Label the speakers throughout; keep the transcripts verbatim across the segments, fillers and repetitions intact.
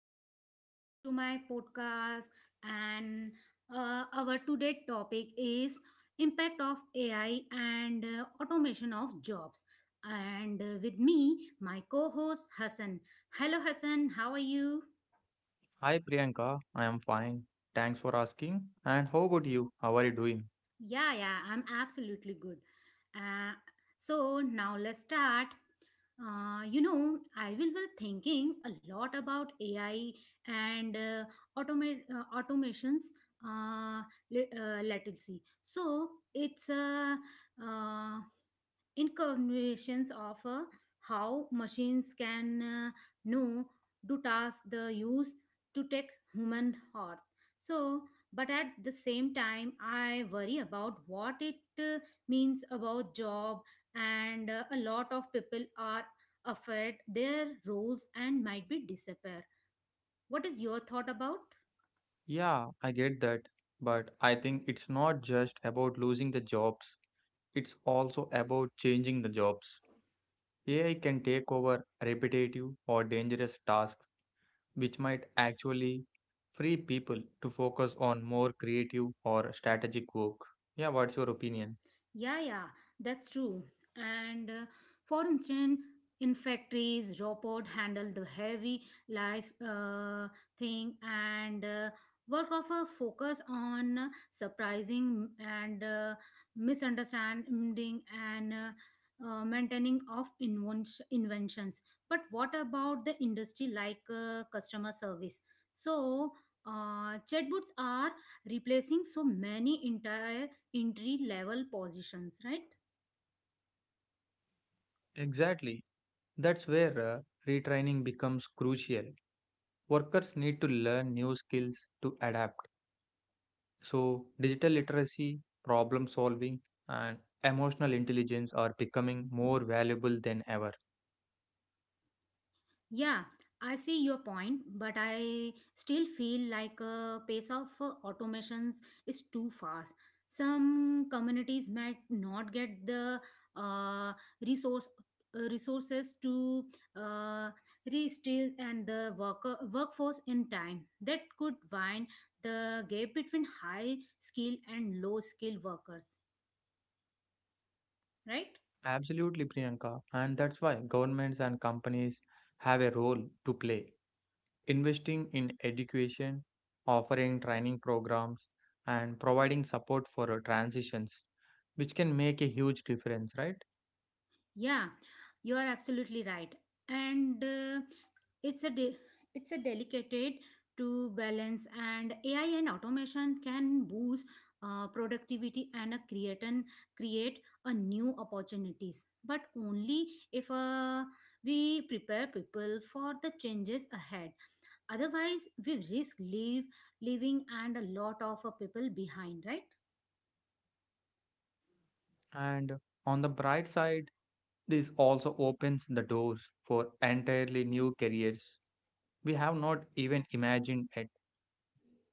Speaker 1: Welcome back to my podcast. And uh, our today topic is impact of A I and uh, automation of jobs. And uh, with me, my co-host Hassan. Hello, Hassan. How are you?
Speaker 2: Hi Priyanka, I am fine. Thanks for asking. And how about you? How are you doing?
Speaker 1: Yeah, yeah, I'm absolutely good. Uh, so now let's start. Uh, you know, I will be thinking a lot about A I and uh, automa- uh, automations uh, le- uh, latency. So it's uh, uh, incarnations of uh, how machines can uh, know do tasks the use to take human hearts. So, but at the same time, I worry about what it uh, means about job, and uh, a lot of people are afraid their roles and might be disappear. What is your thought about?
Speaker 2: Yeah, I get that. But I think it's not just about losing the jobs, it's also about changing the jobs. A I can take over repetitive or dangerous tasks, which might actually free people to focus on more creative or strategic work. Yeah, what's your opinion?
Speaker 1: Yeah, yeah, that's true. And uh, for instance, in factories, robot handle the heavy life uh, thing and uh, work of a focus on surprising and uh, misunderstanding and uh, uh, maintaining of inven- inventions. But what about the industry like uh, customer service? So, uh, chatbots are replacing so many entire entry level positions, right?
Speaker 2: Exactly. That's where uh, retraining becomes crucial. Workers need to learn new skills to adapt. So, digital literacy, problem solving, and emotional intelligence are becoming more valuable than ever.
Speaker 1: Yeah, I see your point, but I still feel like a pace of uh, automations is too fast. Some communities might not get the uh, resource uh, resources to uh, restill and the worker workforce in time. That could widen the gap between high skill and low skill workers, right?
Speaker 2: Absolutely, Priyanka. And that's why governments and companies have a role to play. Investing in education, offering training programs, and providing support for uh, transitions, which can make a huge difference, right?
Speaker 1: Yeah, you are absolutely right. And uh, it's a de- it's a delicate to balance, and A I and automation can boost uh, productivity and uh, create and create a new opportunities, but only if uh, we prepare people for the changes ahead. Otherwise, we risk leave leaving and a lot of uh, people behind, right?
Speaker 2: And on the bright side, this also opens the doors for entirely new careers we have not even imagined yet.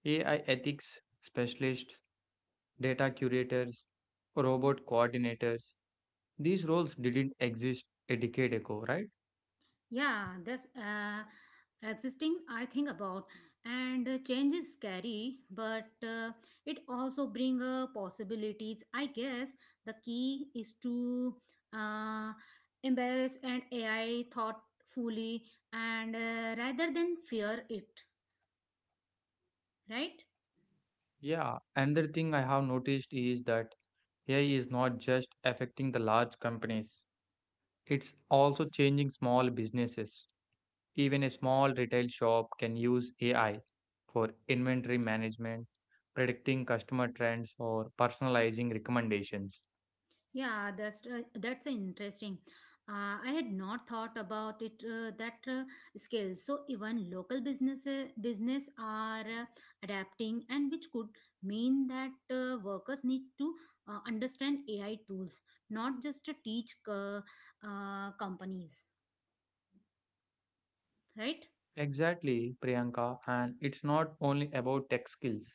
Speaker 2: A I ethics specialists, data curators, robot coordinators. These roles didn't exist a decade ago, right?
Speaker 1: Yeah, that's uh, existing, I think about. And uh, change is scary, but uh, it also bring uh, possibilities. I guess the key is to uh, embrace and A I thoughtfully and uh, rather than fear it, right?
Speaker 2: Yeah. Another thing I have noticed is that A I is not just affecting the large companies, it's also changing small businesses. Even a small retail shop can use A I for inventory management, predicting customer trends, or personalizing recommendations.
Speaker 1: Yeah, that's uh, that's interesting. Uh, I had not thought about it uh, that uh, scale. So even local businesses business are uh, adapting, and which could mean that uh, workers need to uh, understand A I tools, not just to teach co- uh, companies, right?
Speaker 2: Exactly, Priyanka. And it's not only about tech skills.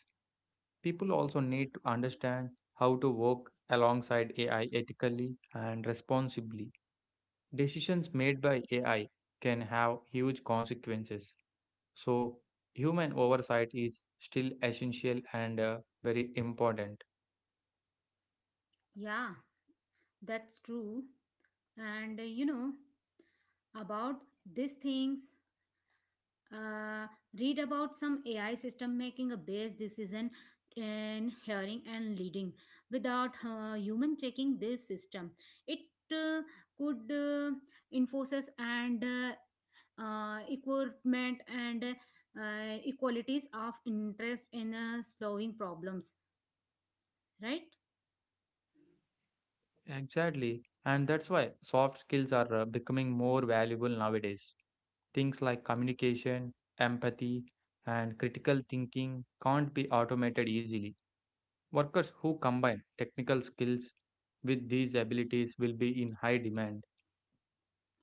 Speaker 2: People also need to understand how to work alongside A I ethically and responsibly. Decisions made by A I can have huge consequences. So, human oversight is still essential and uh, very important.
Speaker 1: Yeah, that's true. And uh, you know about these things uh, read about some A I system making a based decision in hearing and leading without uh, human checking this system. It uh, could uh, enforces and uh, uh, equipment and uh, equalities of interest in uh, solving problems, right?
Speaker 2: Exactly. And that's why soft skills are uh, becoming more valuable nowadays. Things like communication, empathy, and critical thinking can't be automated easily. Workers who combine technical skills with these abilities will be in high demand.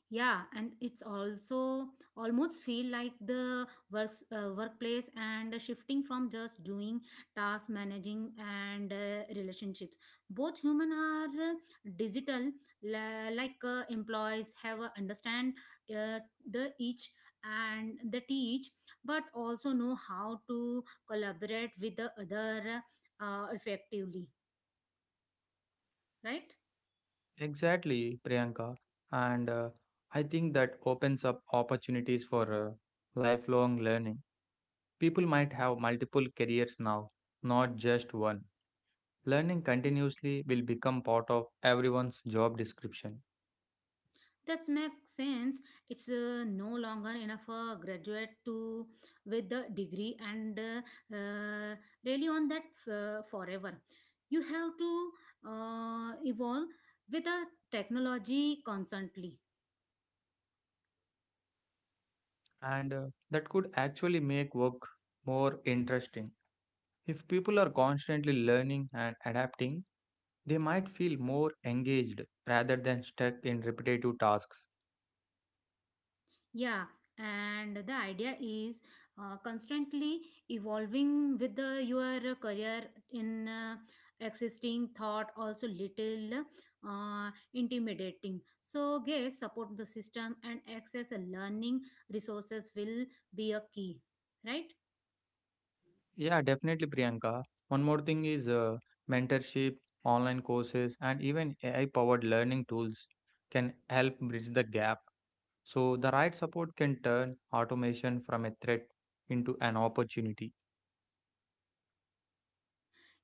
Speaker 1: Yeah, and it's also almost feel like the works uh, workplace and shifting from just doing task managing and uh, relationships. Both human are uh, digital la- like uh, employees have uh, understand uh, the each and the teach, but also know how to collaborate with the other uh, effectively, right?
Speaker 2: Exactly, Priyanka. And uh, I think that opens up opportunities for uh, lifelong learning. People might have multiple careers now, not just one. Learning continuously will become part of everyone's job description,
Speaker 1: This makes sense. It's uh, no longer enough for graduate to with the degree and uh, uh, really on that f- uh, forever. You have to uh, evolve with the technology constantly.
Speaker 2: and uh, that could actually make work more interesting. If people are constantly learning and adapting, they might feel more engaged rather than stuck in repetitive tasks.
Speaker 1: Yeah, and the idea is uh, constantly evolving with the, your career in uh, existing thought, also little uh, intimidating. So, guess support the system and access a learning resources will be a key, right?
Speaker 2: Yeah, definitely, Priyanka. One more thing is uh, mentorship, online courses, and even A I powered learning tools can help bridge the gap. So, the right support can turn automation from a threat into an opportunity.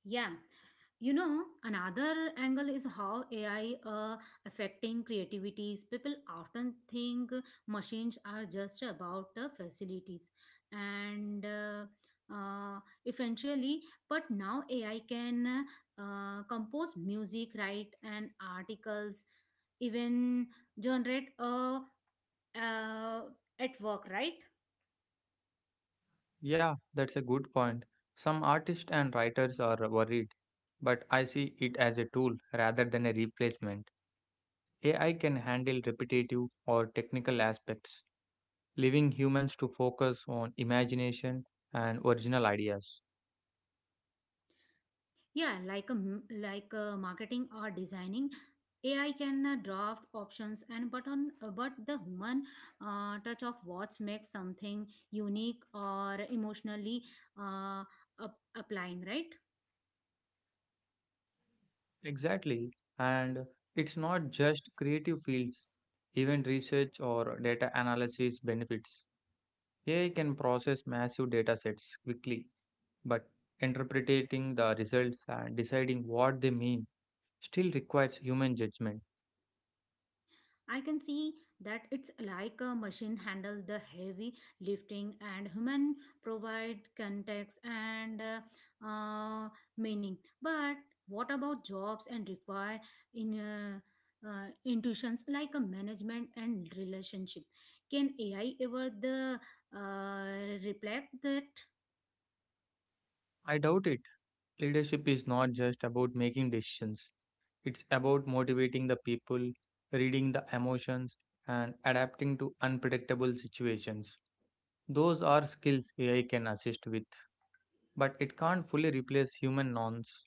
Speaker 1: Yeah. You know, another angle is how AI uh, affecting creativities. People often think machines are just about uh, facilities and uh, uh, eventually, but now AI can uh, compose music, write and articles, even generate a uh, at work, right?
Speaker 2: Yeah, that's a good point. Some artists and writers are worried, but I see it as a tool rather than a replacement. A I can handle repetitive or technical aspects, leaving humans to focus on imagination and original ideas.
Speaker 1: Yeah, like a, m- like a marketing or designing, A I can uh, draft options and but on uh, but the human uh, touch of what makes something unique or emotionally uh, up- applying, right?
Speaker 2: Exactly, and it's not just creative fields, even research or data analysis benefits. A I can process massive data sets quickly, but interpreting the results and deciding what they mean still requires human judgment.
Speaker 1: I can see that it's like a machine handle the heavy lifting, and human provide context and uh, uh, meaning. But what about jobs and require in uh, uh, intuitions like a management and relationship? Can A I ever the uh, reflect that?
Speaker 2: I doubt it. Leadership is not just about making decisions, it's about motivating the people, reading the emotions, and adapting to unpredictable situations. Those are skills A I can assist with, but it can't fully replace human norms.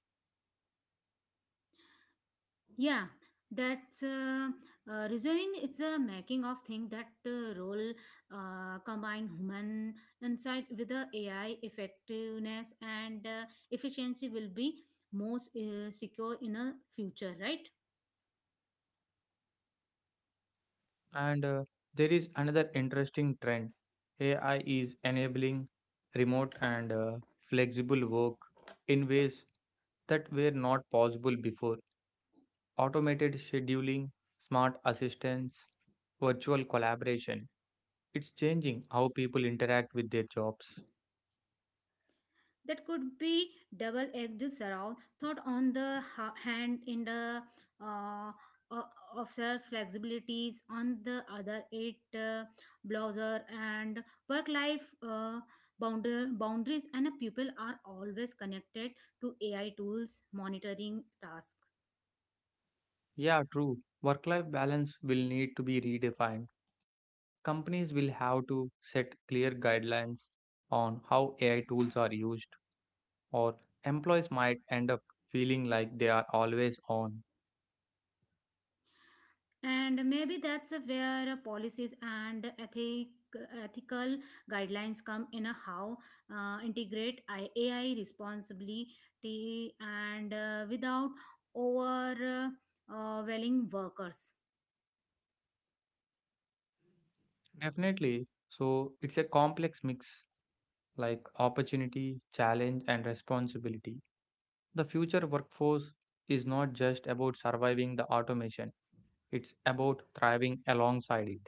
Speaker 1: Yeah, that's uh, uh, reserving. It's a making of thing that uh, role uh, combine human insight with the A I effectiveness and uh, efficiency will be most uh, secure in a future, right?
Speaker 2: And uh, there is another interesting trend. A I is enabling remote and uh, flexible work in ways that were not possible before. Automated scheduling, smart assistants, virtual collaboration. It's changing how people interact with their jobs.
Speaker 1: That could be double-edged sword thought. On the ha- hand in the uh, o- of self flexibilities, on the other it uh, browser and work life uh, bound- boundaries, and uh, people are always connected to AI tools monitoring tasks.
Speaker 2: Yeah, true. Work life balance will need to be redefined. Companies will have to set clear guidelines on how A I tools are used, or employees might end up feeling like they are always on.
Speaker 1: And maybe that's where policies and ethic, ethical guidelines come in. A how uh, integrate I- A I responsibility and uh, without overwhelming workers.
Speaker 2: Definitely. So it's a complex mix like opportunity, challenge, and responsibility. The future workforce is not just about surviving the automation, it's about thriving alongside it.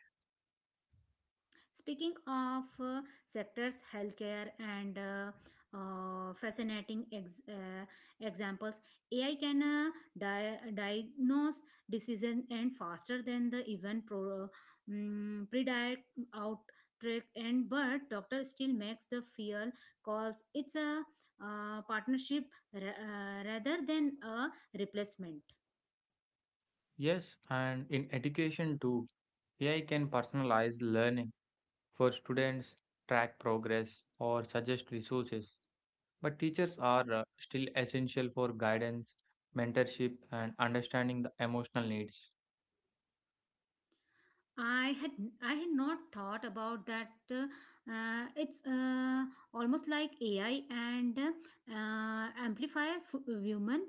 Speaker 1: Speaking of uh, sectors, healthcare, and uh, uh, fascinating ex- uh, examples, A I can uh, di- diagnose diseases and faster than the even pro- mm, predict out trick, and but doctor still makes the fear calls. It's a uh, partnership ra- uh, rather than a replacement.
Speaker 2: Yes, and in education too, A I can personalize learning for students, track progress, or suggest resources. But teachers are uh, still essential for guidance, mentorship, and understanding the emotional needs.
Speaker 1: I had I had not thought about that. Uh, uh, it's uh, almost like A I and uh, amplify f- human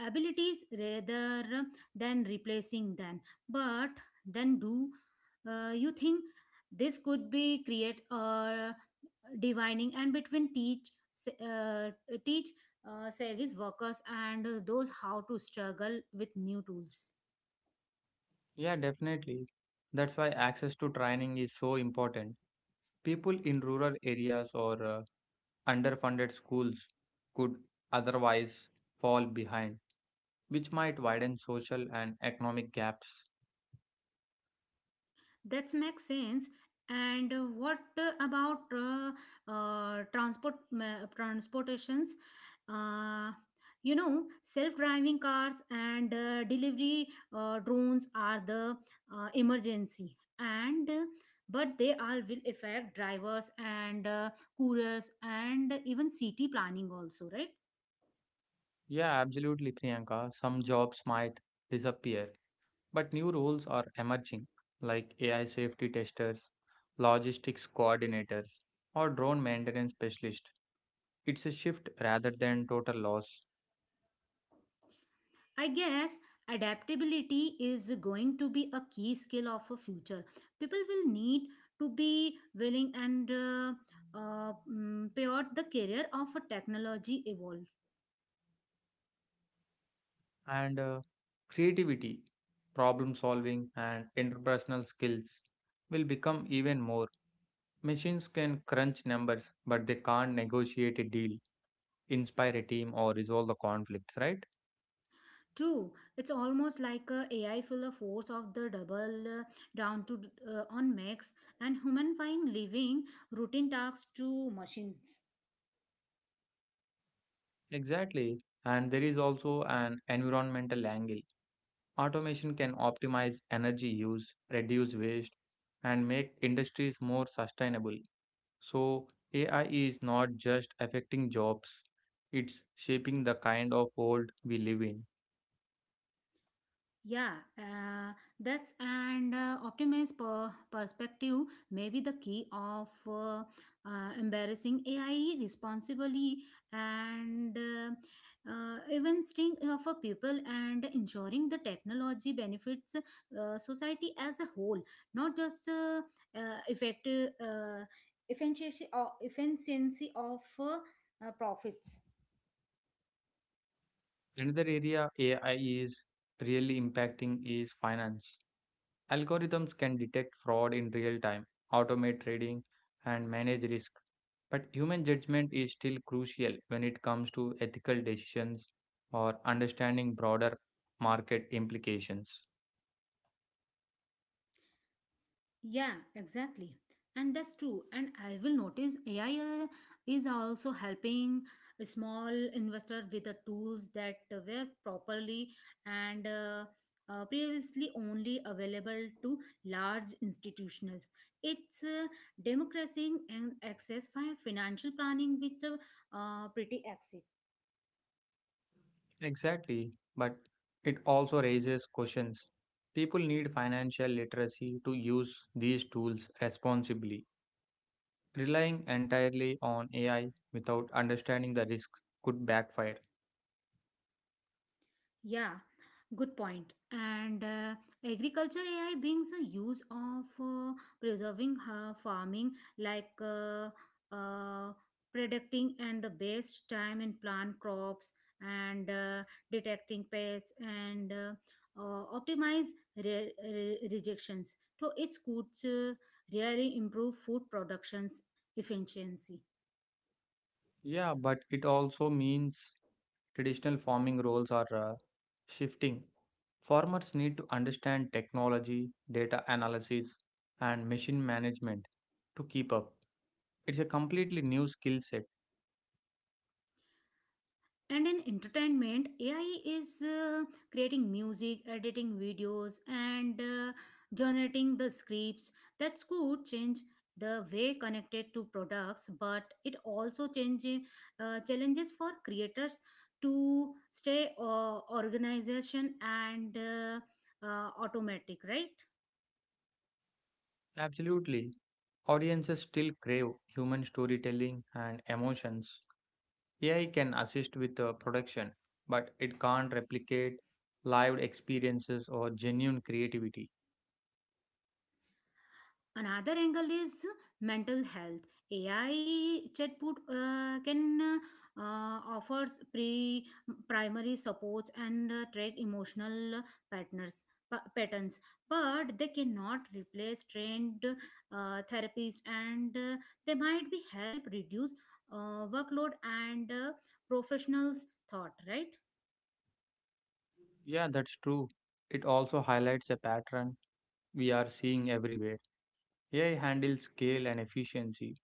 Speaker 1: abilities rather than replacing them. But then, do uh, you think this could be create a divining and between teach se- uh, teach uh, service workers and those how to struggle with new tools?
Speaker 2: Yeah, definitely. That's why access to training is so important. People in rural areas or uh, underfunded schools could otherwise fall behind, which might widen social and economic gaps.
Speaker 1: That makes sense. And uh, what uh, about uh, uh, transport ma- transportations? Uh, you know, self-driving cars and uh, delivery uh, drones are the uh, emergency, and uh, but they all will affect drivers and uh, couriers and even city planning also, right?
Speaker 2: Yeah, absolutely, Priyanka. Some jobs might disappear, but new roles are emerging, like A I safety testers, logistics coordinators, or drone maintenance specialists. It's a shift rather than total loss.
Speaker 1: I guess adaptability is going to be a key skill of a future. People will need to be willing and uh, uh, mm, pivot the career of a technology evolve.
Speaker 2: And uh, creativity, problem solving, and interpersonal skills will become even more. Machines can crunch numbers, but they can't negotiate a deal, inspire a team, or resolve the conflicts, right?
Speaker 1: True, it's almost like a AI full of force of the double uh, down to uh, on max, and human find living routine tasks to machines.
Speaker 2: Exactly. And there is also an environmental angle. Automation can optimize energy use, reduce waste, and make industries more sustainable. So, A I is not just affecting jobs, it's shaping the kind of world we live in.
Speaker 1: Yeah, uh, that's and uh, optimized per perspective may be the key of uh, uh, embarrassing A I responsibly and uh, uh, even staying for people, and ensuring the technology benefits uh, society as a whole, not just uh, uh, effective uh, efficiency or efficiency of uh, uh, profits.
Speaker 2: Another area A I is really impacting is finance. Algorithms can detect fraud in real time, automate trading, and manage risk. But human judgment is still crucial when it comes to ethical decisions or understanding broader market implications.
Speaker 1: Yeah, exactly. And that's true. And I will notice A I uh, is also helping a small investor with the tools that were properly and uh, uh, previously only available to large institutionals. It's uh, democratizing and access for financial planning, which are uh, pretty active.
Speaker 2: Exactly, but it also raises questions. People need financial literacy to use these tools responsibly. Relying entirely on A I without understanding the risks could backfire.
Speaker 1: Yeah, good point. And uh, agriculture A I brings a use of uh, preserving uh, farming, like uh, uh, predicting and the best time and plant crops, and uh, detecting pests and uh, uh, optimize re- re- rejections. So it could uh, really improve food productions efficiency.
Speaker 2: Yeah, but it also means traditional farming roles are uh, shifting. Farmers need to understand technology, data analysis, and machine management to keep up. It's a completely new skill set.
Speaker 1: And in entertainment, A I is uh, creating music, editing videos, and uh, generating the scripts. That's could change the way connected to products, but it also changing uh, challenges for creators to stay uh, organization and uh, uh, automatic, right?
Speaker 2: Absolutely. Audiences still crave human storytelling and emotions. A I can assist with the production, but it can't replicate live experiences or genuine creativity.
Speaker 1: Another angle is mental health. AI chatbot uh, can uh, offers pre primary supports and uh, track emotional patterns pa- patterns, but they cannot replace trained uh, therapists, and uh, they might be help reduce uh, workload and uh, professionals thought, right?
Speaker 2: Yeah, that's true. It also highlights a pattern we are seeing everywhere. A I handles scale and efficiency,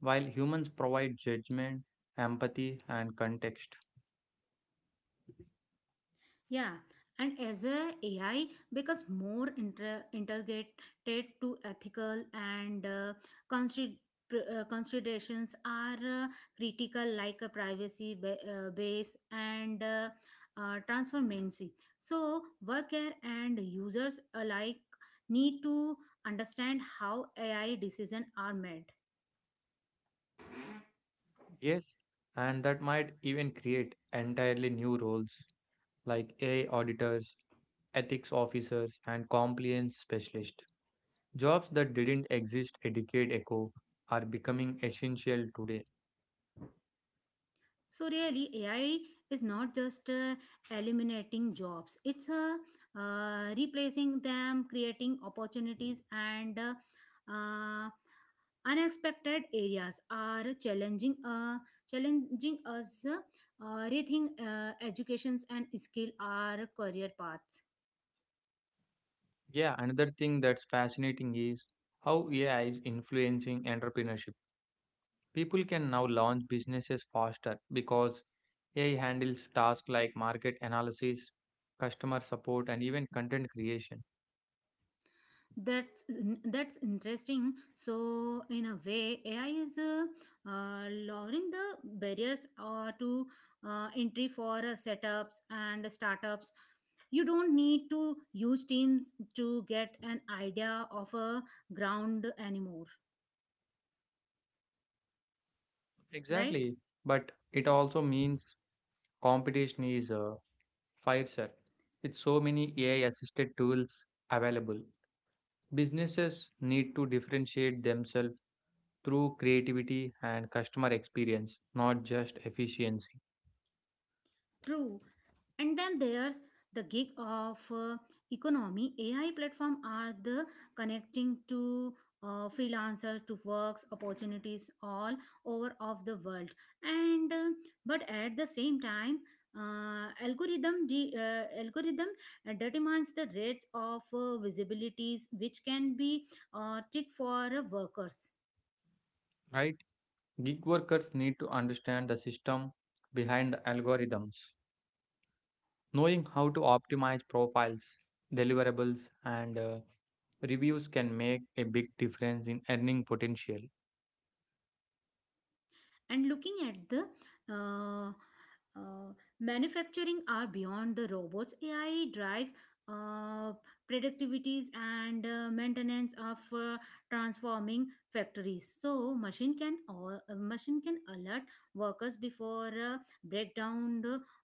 Speaker 2: while humans provide judgment, empathy, and context.
Speaker 1: Yeah, and as a AI becomes more inter- integrated to ethical and uh, consid- pr- uh, considerations are uh, critical, like a privacy ba- uh, base and uh, uh, transparency. So, worker and users alike need to understand how A I decisions are made.
Speaker 2: Yes, and that might even create entirely new roles like A I auditors, ethics officers, and compliance specialists. Jobs that didn't exist a decade ago are becoming essential today.
Speaker 1: So really, A I is not just uh, eliminating jobs; it's uh, uh, replacing them, creating opportunities, and uh, uh, unexpected areas are challenging uh, challenging us uh, rethink uh, educations and skill our career paths.
Speaker 2: Yeah, another thing that's fascinating is how A I is influencing entrepreneurship. People can now launch businesses faster because A I handles tasks like market analysis, customer support, and even content creation.
Speaker 1: That's that's interesting. So in a way, A I is uh, uh, lowering the barriers uh, to uh, entry for uh, setups and startups. You don't need to use teams to get an idea of a ground anymore, right?
Speaker 2: Exactly. But it also means competition is uh, fiercer. With so many A I assisted tools available, businesses need to differentiate themselves through creativity and customer experience, not just efficiency.
Speaker 1: True. And then there's the gig of uh, economy. A I platform are the connecting to uh, freelancer to works opportunities all over of the world. And uh, but at the same time, uh, algorithm de- uh, algorithm uh, determines the rates of uh, visibilities, which can be uh, tick for uh, workers.
Speaker 2: Right? Gig workers need to understand the system behind the algorithms. Knowing how to optimize profiles, deliverables, and uh, reviews can make a big difference in earning potential.
Speaker 1: And looking at the uh, uh, manufacturing are beyond the robots. A I drive uh, productivities and uh, maintenance of uh, transforming factories. So machine can or machine can alert workers before uh, breakdown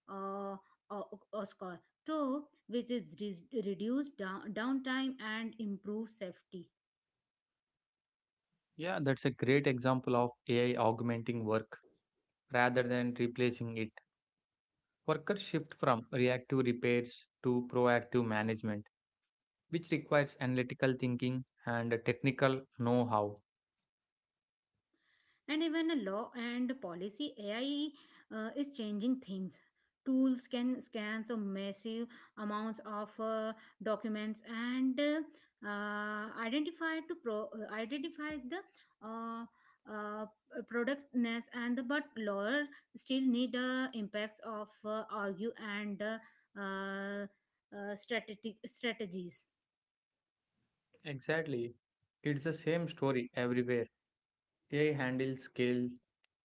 Speaker 1: uh, or, or score. So, which is re- reduce down, downtime and improve safety.
Speaker 2: Yeah, that's a great example of A I augmenting work rather than replacing it. Workers shift from reactive repairs to proactive management, which requires analytical thinking and technical know how.
Speaker 1: And even a law and policy, AI uh, is changing things. Tools can scan so massive amounts of uh, documents and uh, uh, identify to pro- uh, identify the uh, uh, productness, and the but lawyer still need uh, impacts of uh, argue and uh, uh, uh, strategic strategies.
Speaker 2: Exactly. It's the same story everywhere. A I handles scale,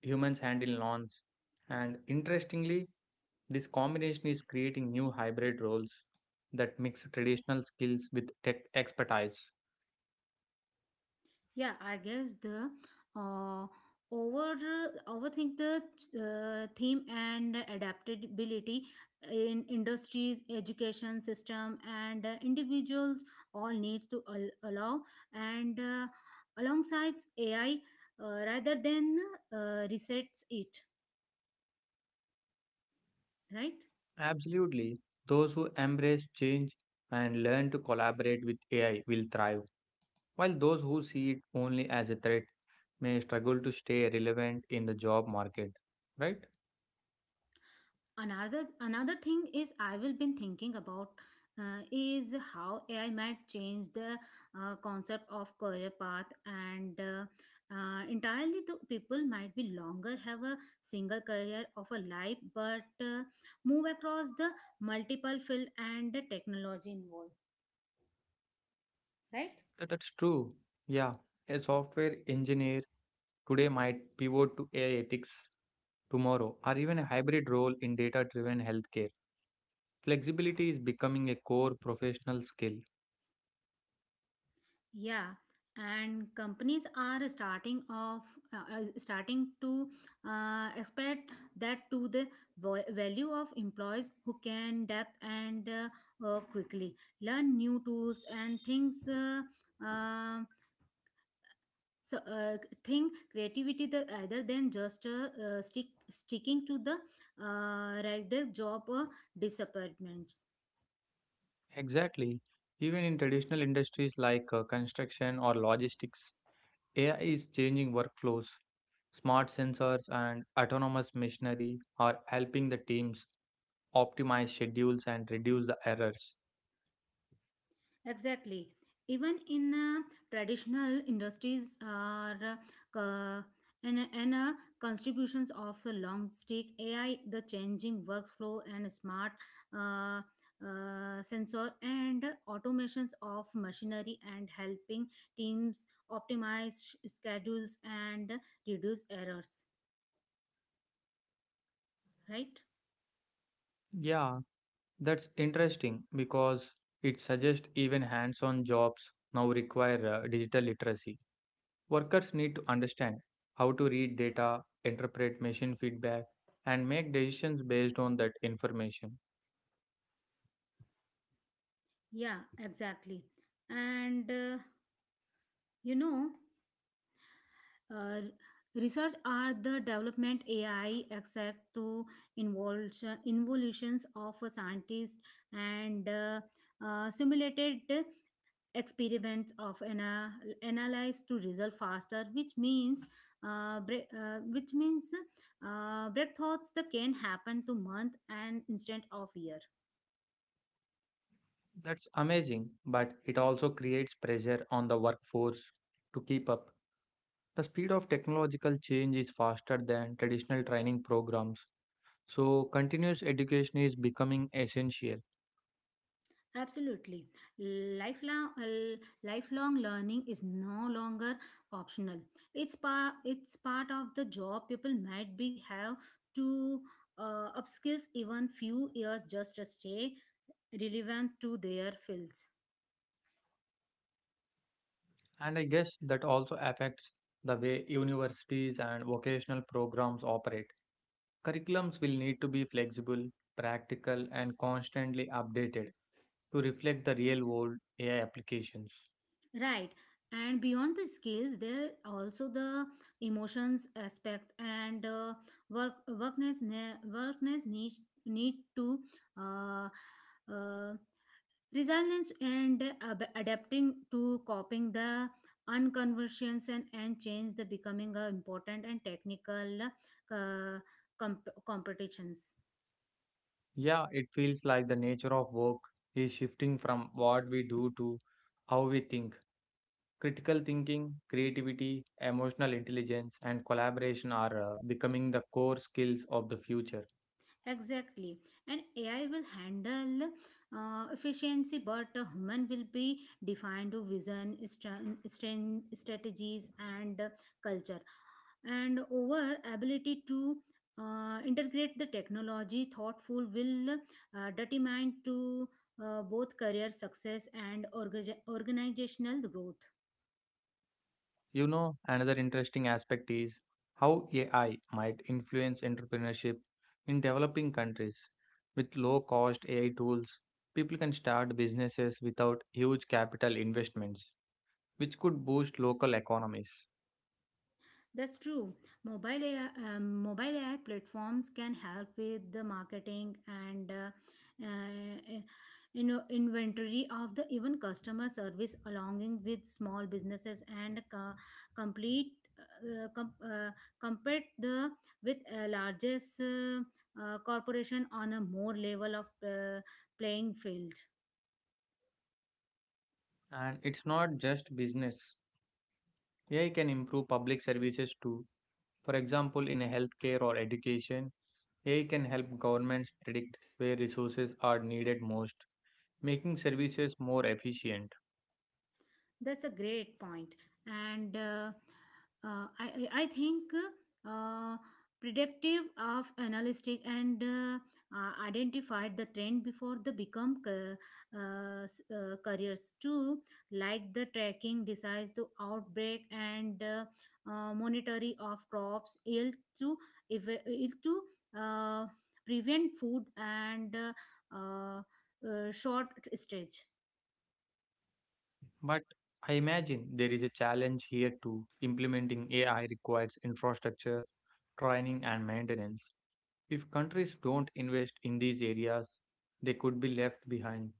Speaker 2: humans handle lawns, and interestingly, this combination is creating new hybrid roles that mix traditional skills with tech expertise.
Speaker 1: Yeah, I guess the uh, over overthink the uh, theme and adaptability in industries, education system, and uh, individuals all need to al- allow and uh, alongside A I uh, rather than uh, resets it, right?
Speaker 2: Absolutely, those who embrace change and learn to collaborate with A I will thrive, while those who see it only as a threat may struggle to stay relevant in the job market. Right?
Speaker 1: another another thing is I will been thinking about uh, is how AI might change the uh, concept of career path and uh, uh, entirely the people might be longer have a single career of a life but uh, move across the multiple field and the technology involved, right.
Speaker 2: That, that's true. Yeah, a software engineer today might pivot to A I ethics tomorrow, or even a hybrid role in data driven healthcare. Flexibility is becoming a core professional skill.
Speaker 1: Yeah, and companies are starting off, uh, uh, starting to uh, expect that to the vo- value of employees who can adapt and uh, uh, quickly learn new tools and things. Uh, uh, so uh, think creativity the either than just uh, uh, stick sticking to the uh, regular job uh, disappointments.
Speaker 2: Exactly. Even in traditional industries like uh, construction or logistics, A I is changing workflows. Smart sensors and autonomous machinery are helping the teams optimize schedules and reduce the errors.
Speaker 1: Exactly. Even in uh, traditional industries are uh, uh, and, and uh, contributions of a long stick A I, the changing workflow and smart uh, uh, sensor and automations of machinery and helping teams optimize sh- schedules and reduce errors. Right?
Speaker 2: Yeah, that's interesting because it suggests even hands on jobs now require uh, digital literacy. Workers need to understand how to read data, interpret machine feedback, and make decisions based on that information.
Speaker 1: Yeah, exactly. And uh, you know, uh, research are the development A I except to involution, involutions of a scientist and uh, uh, simulated experiments of an uh, analyze to result faster, which means uh, bre- uh, which means uh, breakthroughs that can happen to month and instead of year.
Speaker 2: That's amazing, but it also creates pressure on the workforce to keep up. The speed of technological change is faster than traditional training programs, so continuous education is becoming essential.
Speaker 1: Absolutely. Lifelong, l- lifelong learning is no longer optional. It's part it's part of the job. People might be have to uh, upskills even few years just to stay relevant to their fields.
Speaker 2: And I guess that also affects the way universities and vocational programs operate. Curriculums will need to be flexible, practical, and constantly updated to reflect the real world A I applications.
Speaker 1: Right. And beyond the skills, there also the emotions aspect and uh, work workness ne- workness needs need to uh, uh, resilience and ab- adapting to coping the unconversions and, and change the becoming a important and technical uh, comp- competitions.
Speaker 2: Yeah, it feels like the nature of work is shifting from what we do to how we think. Critical thinking, creativity, emotional intelligence, and collaboration are uh, becoming the core skills of the future.
Speaker 1: Exactly. And A I will handle uh, efficiency, but a human will be defined to vision, stra- stra- strategies, and uh, culture. And over ability to uh, integrate the technology thoughtful will uh, determine to uh, both career success and orga- organizational growth.
Speaker 2: You know, another interesting aspect is how A I might influence entrepreneurship in developing countries. With low cost A I tools, people can start businesses without huge capital investments, which could boost local economies.
Speaker 1: That's true. Mobile A I, um, mobile A I platforms can help with the marketing and uh, uh, you know inventory of the even customer service, along with small businesses and co- complete. Uh, uh, com- uh, compared the with uh, largest uh, uh, corporation on a more level of uh, playing field.
Speaker 2: And it's not just business, A I can improve public services too. For example, in healthcare or education, A I can help governments predict where resources are needed most, making services more efficient.
Speaker 1: That's a great point, and uh, uh, I I I think uh, predictive of analytic and uh, uh, identified the trend before they become ca- uh, s- uh, careers too, like the tracking decides to outbreak and uh, uh, monitoring of crops yield to eva- yield to uh, prevent food and uh, uh, uh, short stage.
Speaker 2: But I imagine there is a challenge here too. Implementing A I requires infrastructure, training, and maintenance. If countries don't invest in these areas, they could be left behind.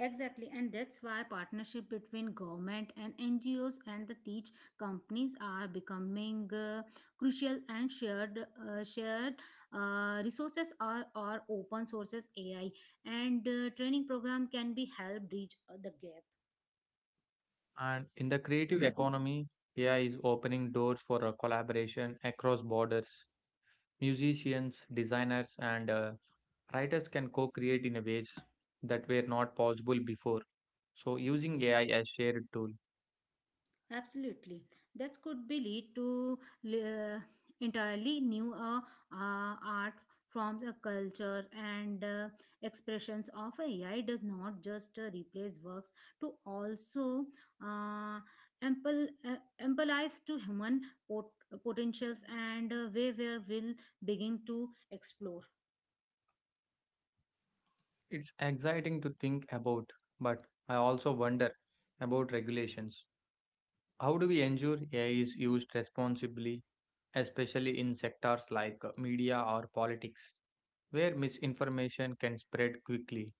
Speaker 1: Exactly, and that's why partnership between government and N G Os and the teach companies are becoming uh, crucial. And shared uh, shared uh, resources are, are open sources A I, and uh, training program can be help bridge uh, the gap.
Speaker 2: And in the creative economy, A I is opening doors for uh, collaboration across borders. Musicians, designers, and uh, writers can co create in a ways that were not possible before. So, using A I as shared tool.
Speaker 1: Absolutely. That could be lead to uh, entirely new uh, uh, art forms, a culture, and uh, expressions of A I does not just uh, replace works to also uh, ample uh, ample life to human pot- potentials and uh, where where will begin to explore.
Speaker 2: It's exciting to think about, but I also wonder about regulations. How do we ensure A I is used responsibly, especially in sectors like uh, media or politics, where misinformation can spread quickly?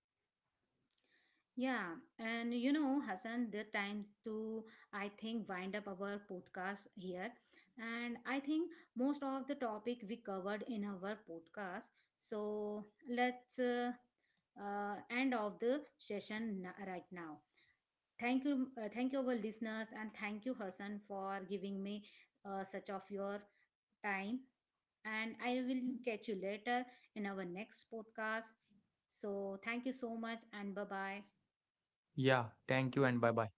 Speaker 1: Yeah, and you know, Hassan, the time to, I think, wind up our podcast here. And I think most of the topic we covered in our podcast. So let's uh, uh, end of the session n- right now. Thank you, uh, thank you, our listeners, and thank you, Hassan, for giving me uh, such of your time. And I will catch you later in our next podcast. So thank you so much, and bye bye.
Speaker 2: Yeah, thank you and bye bye.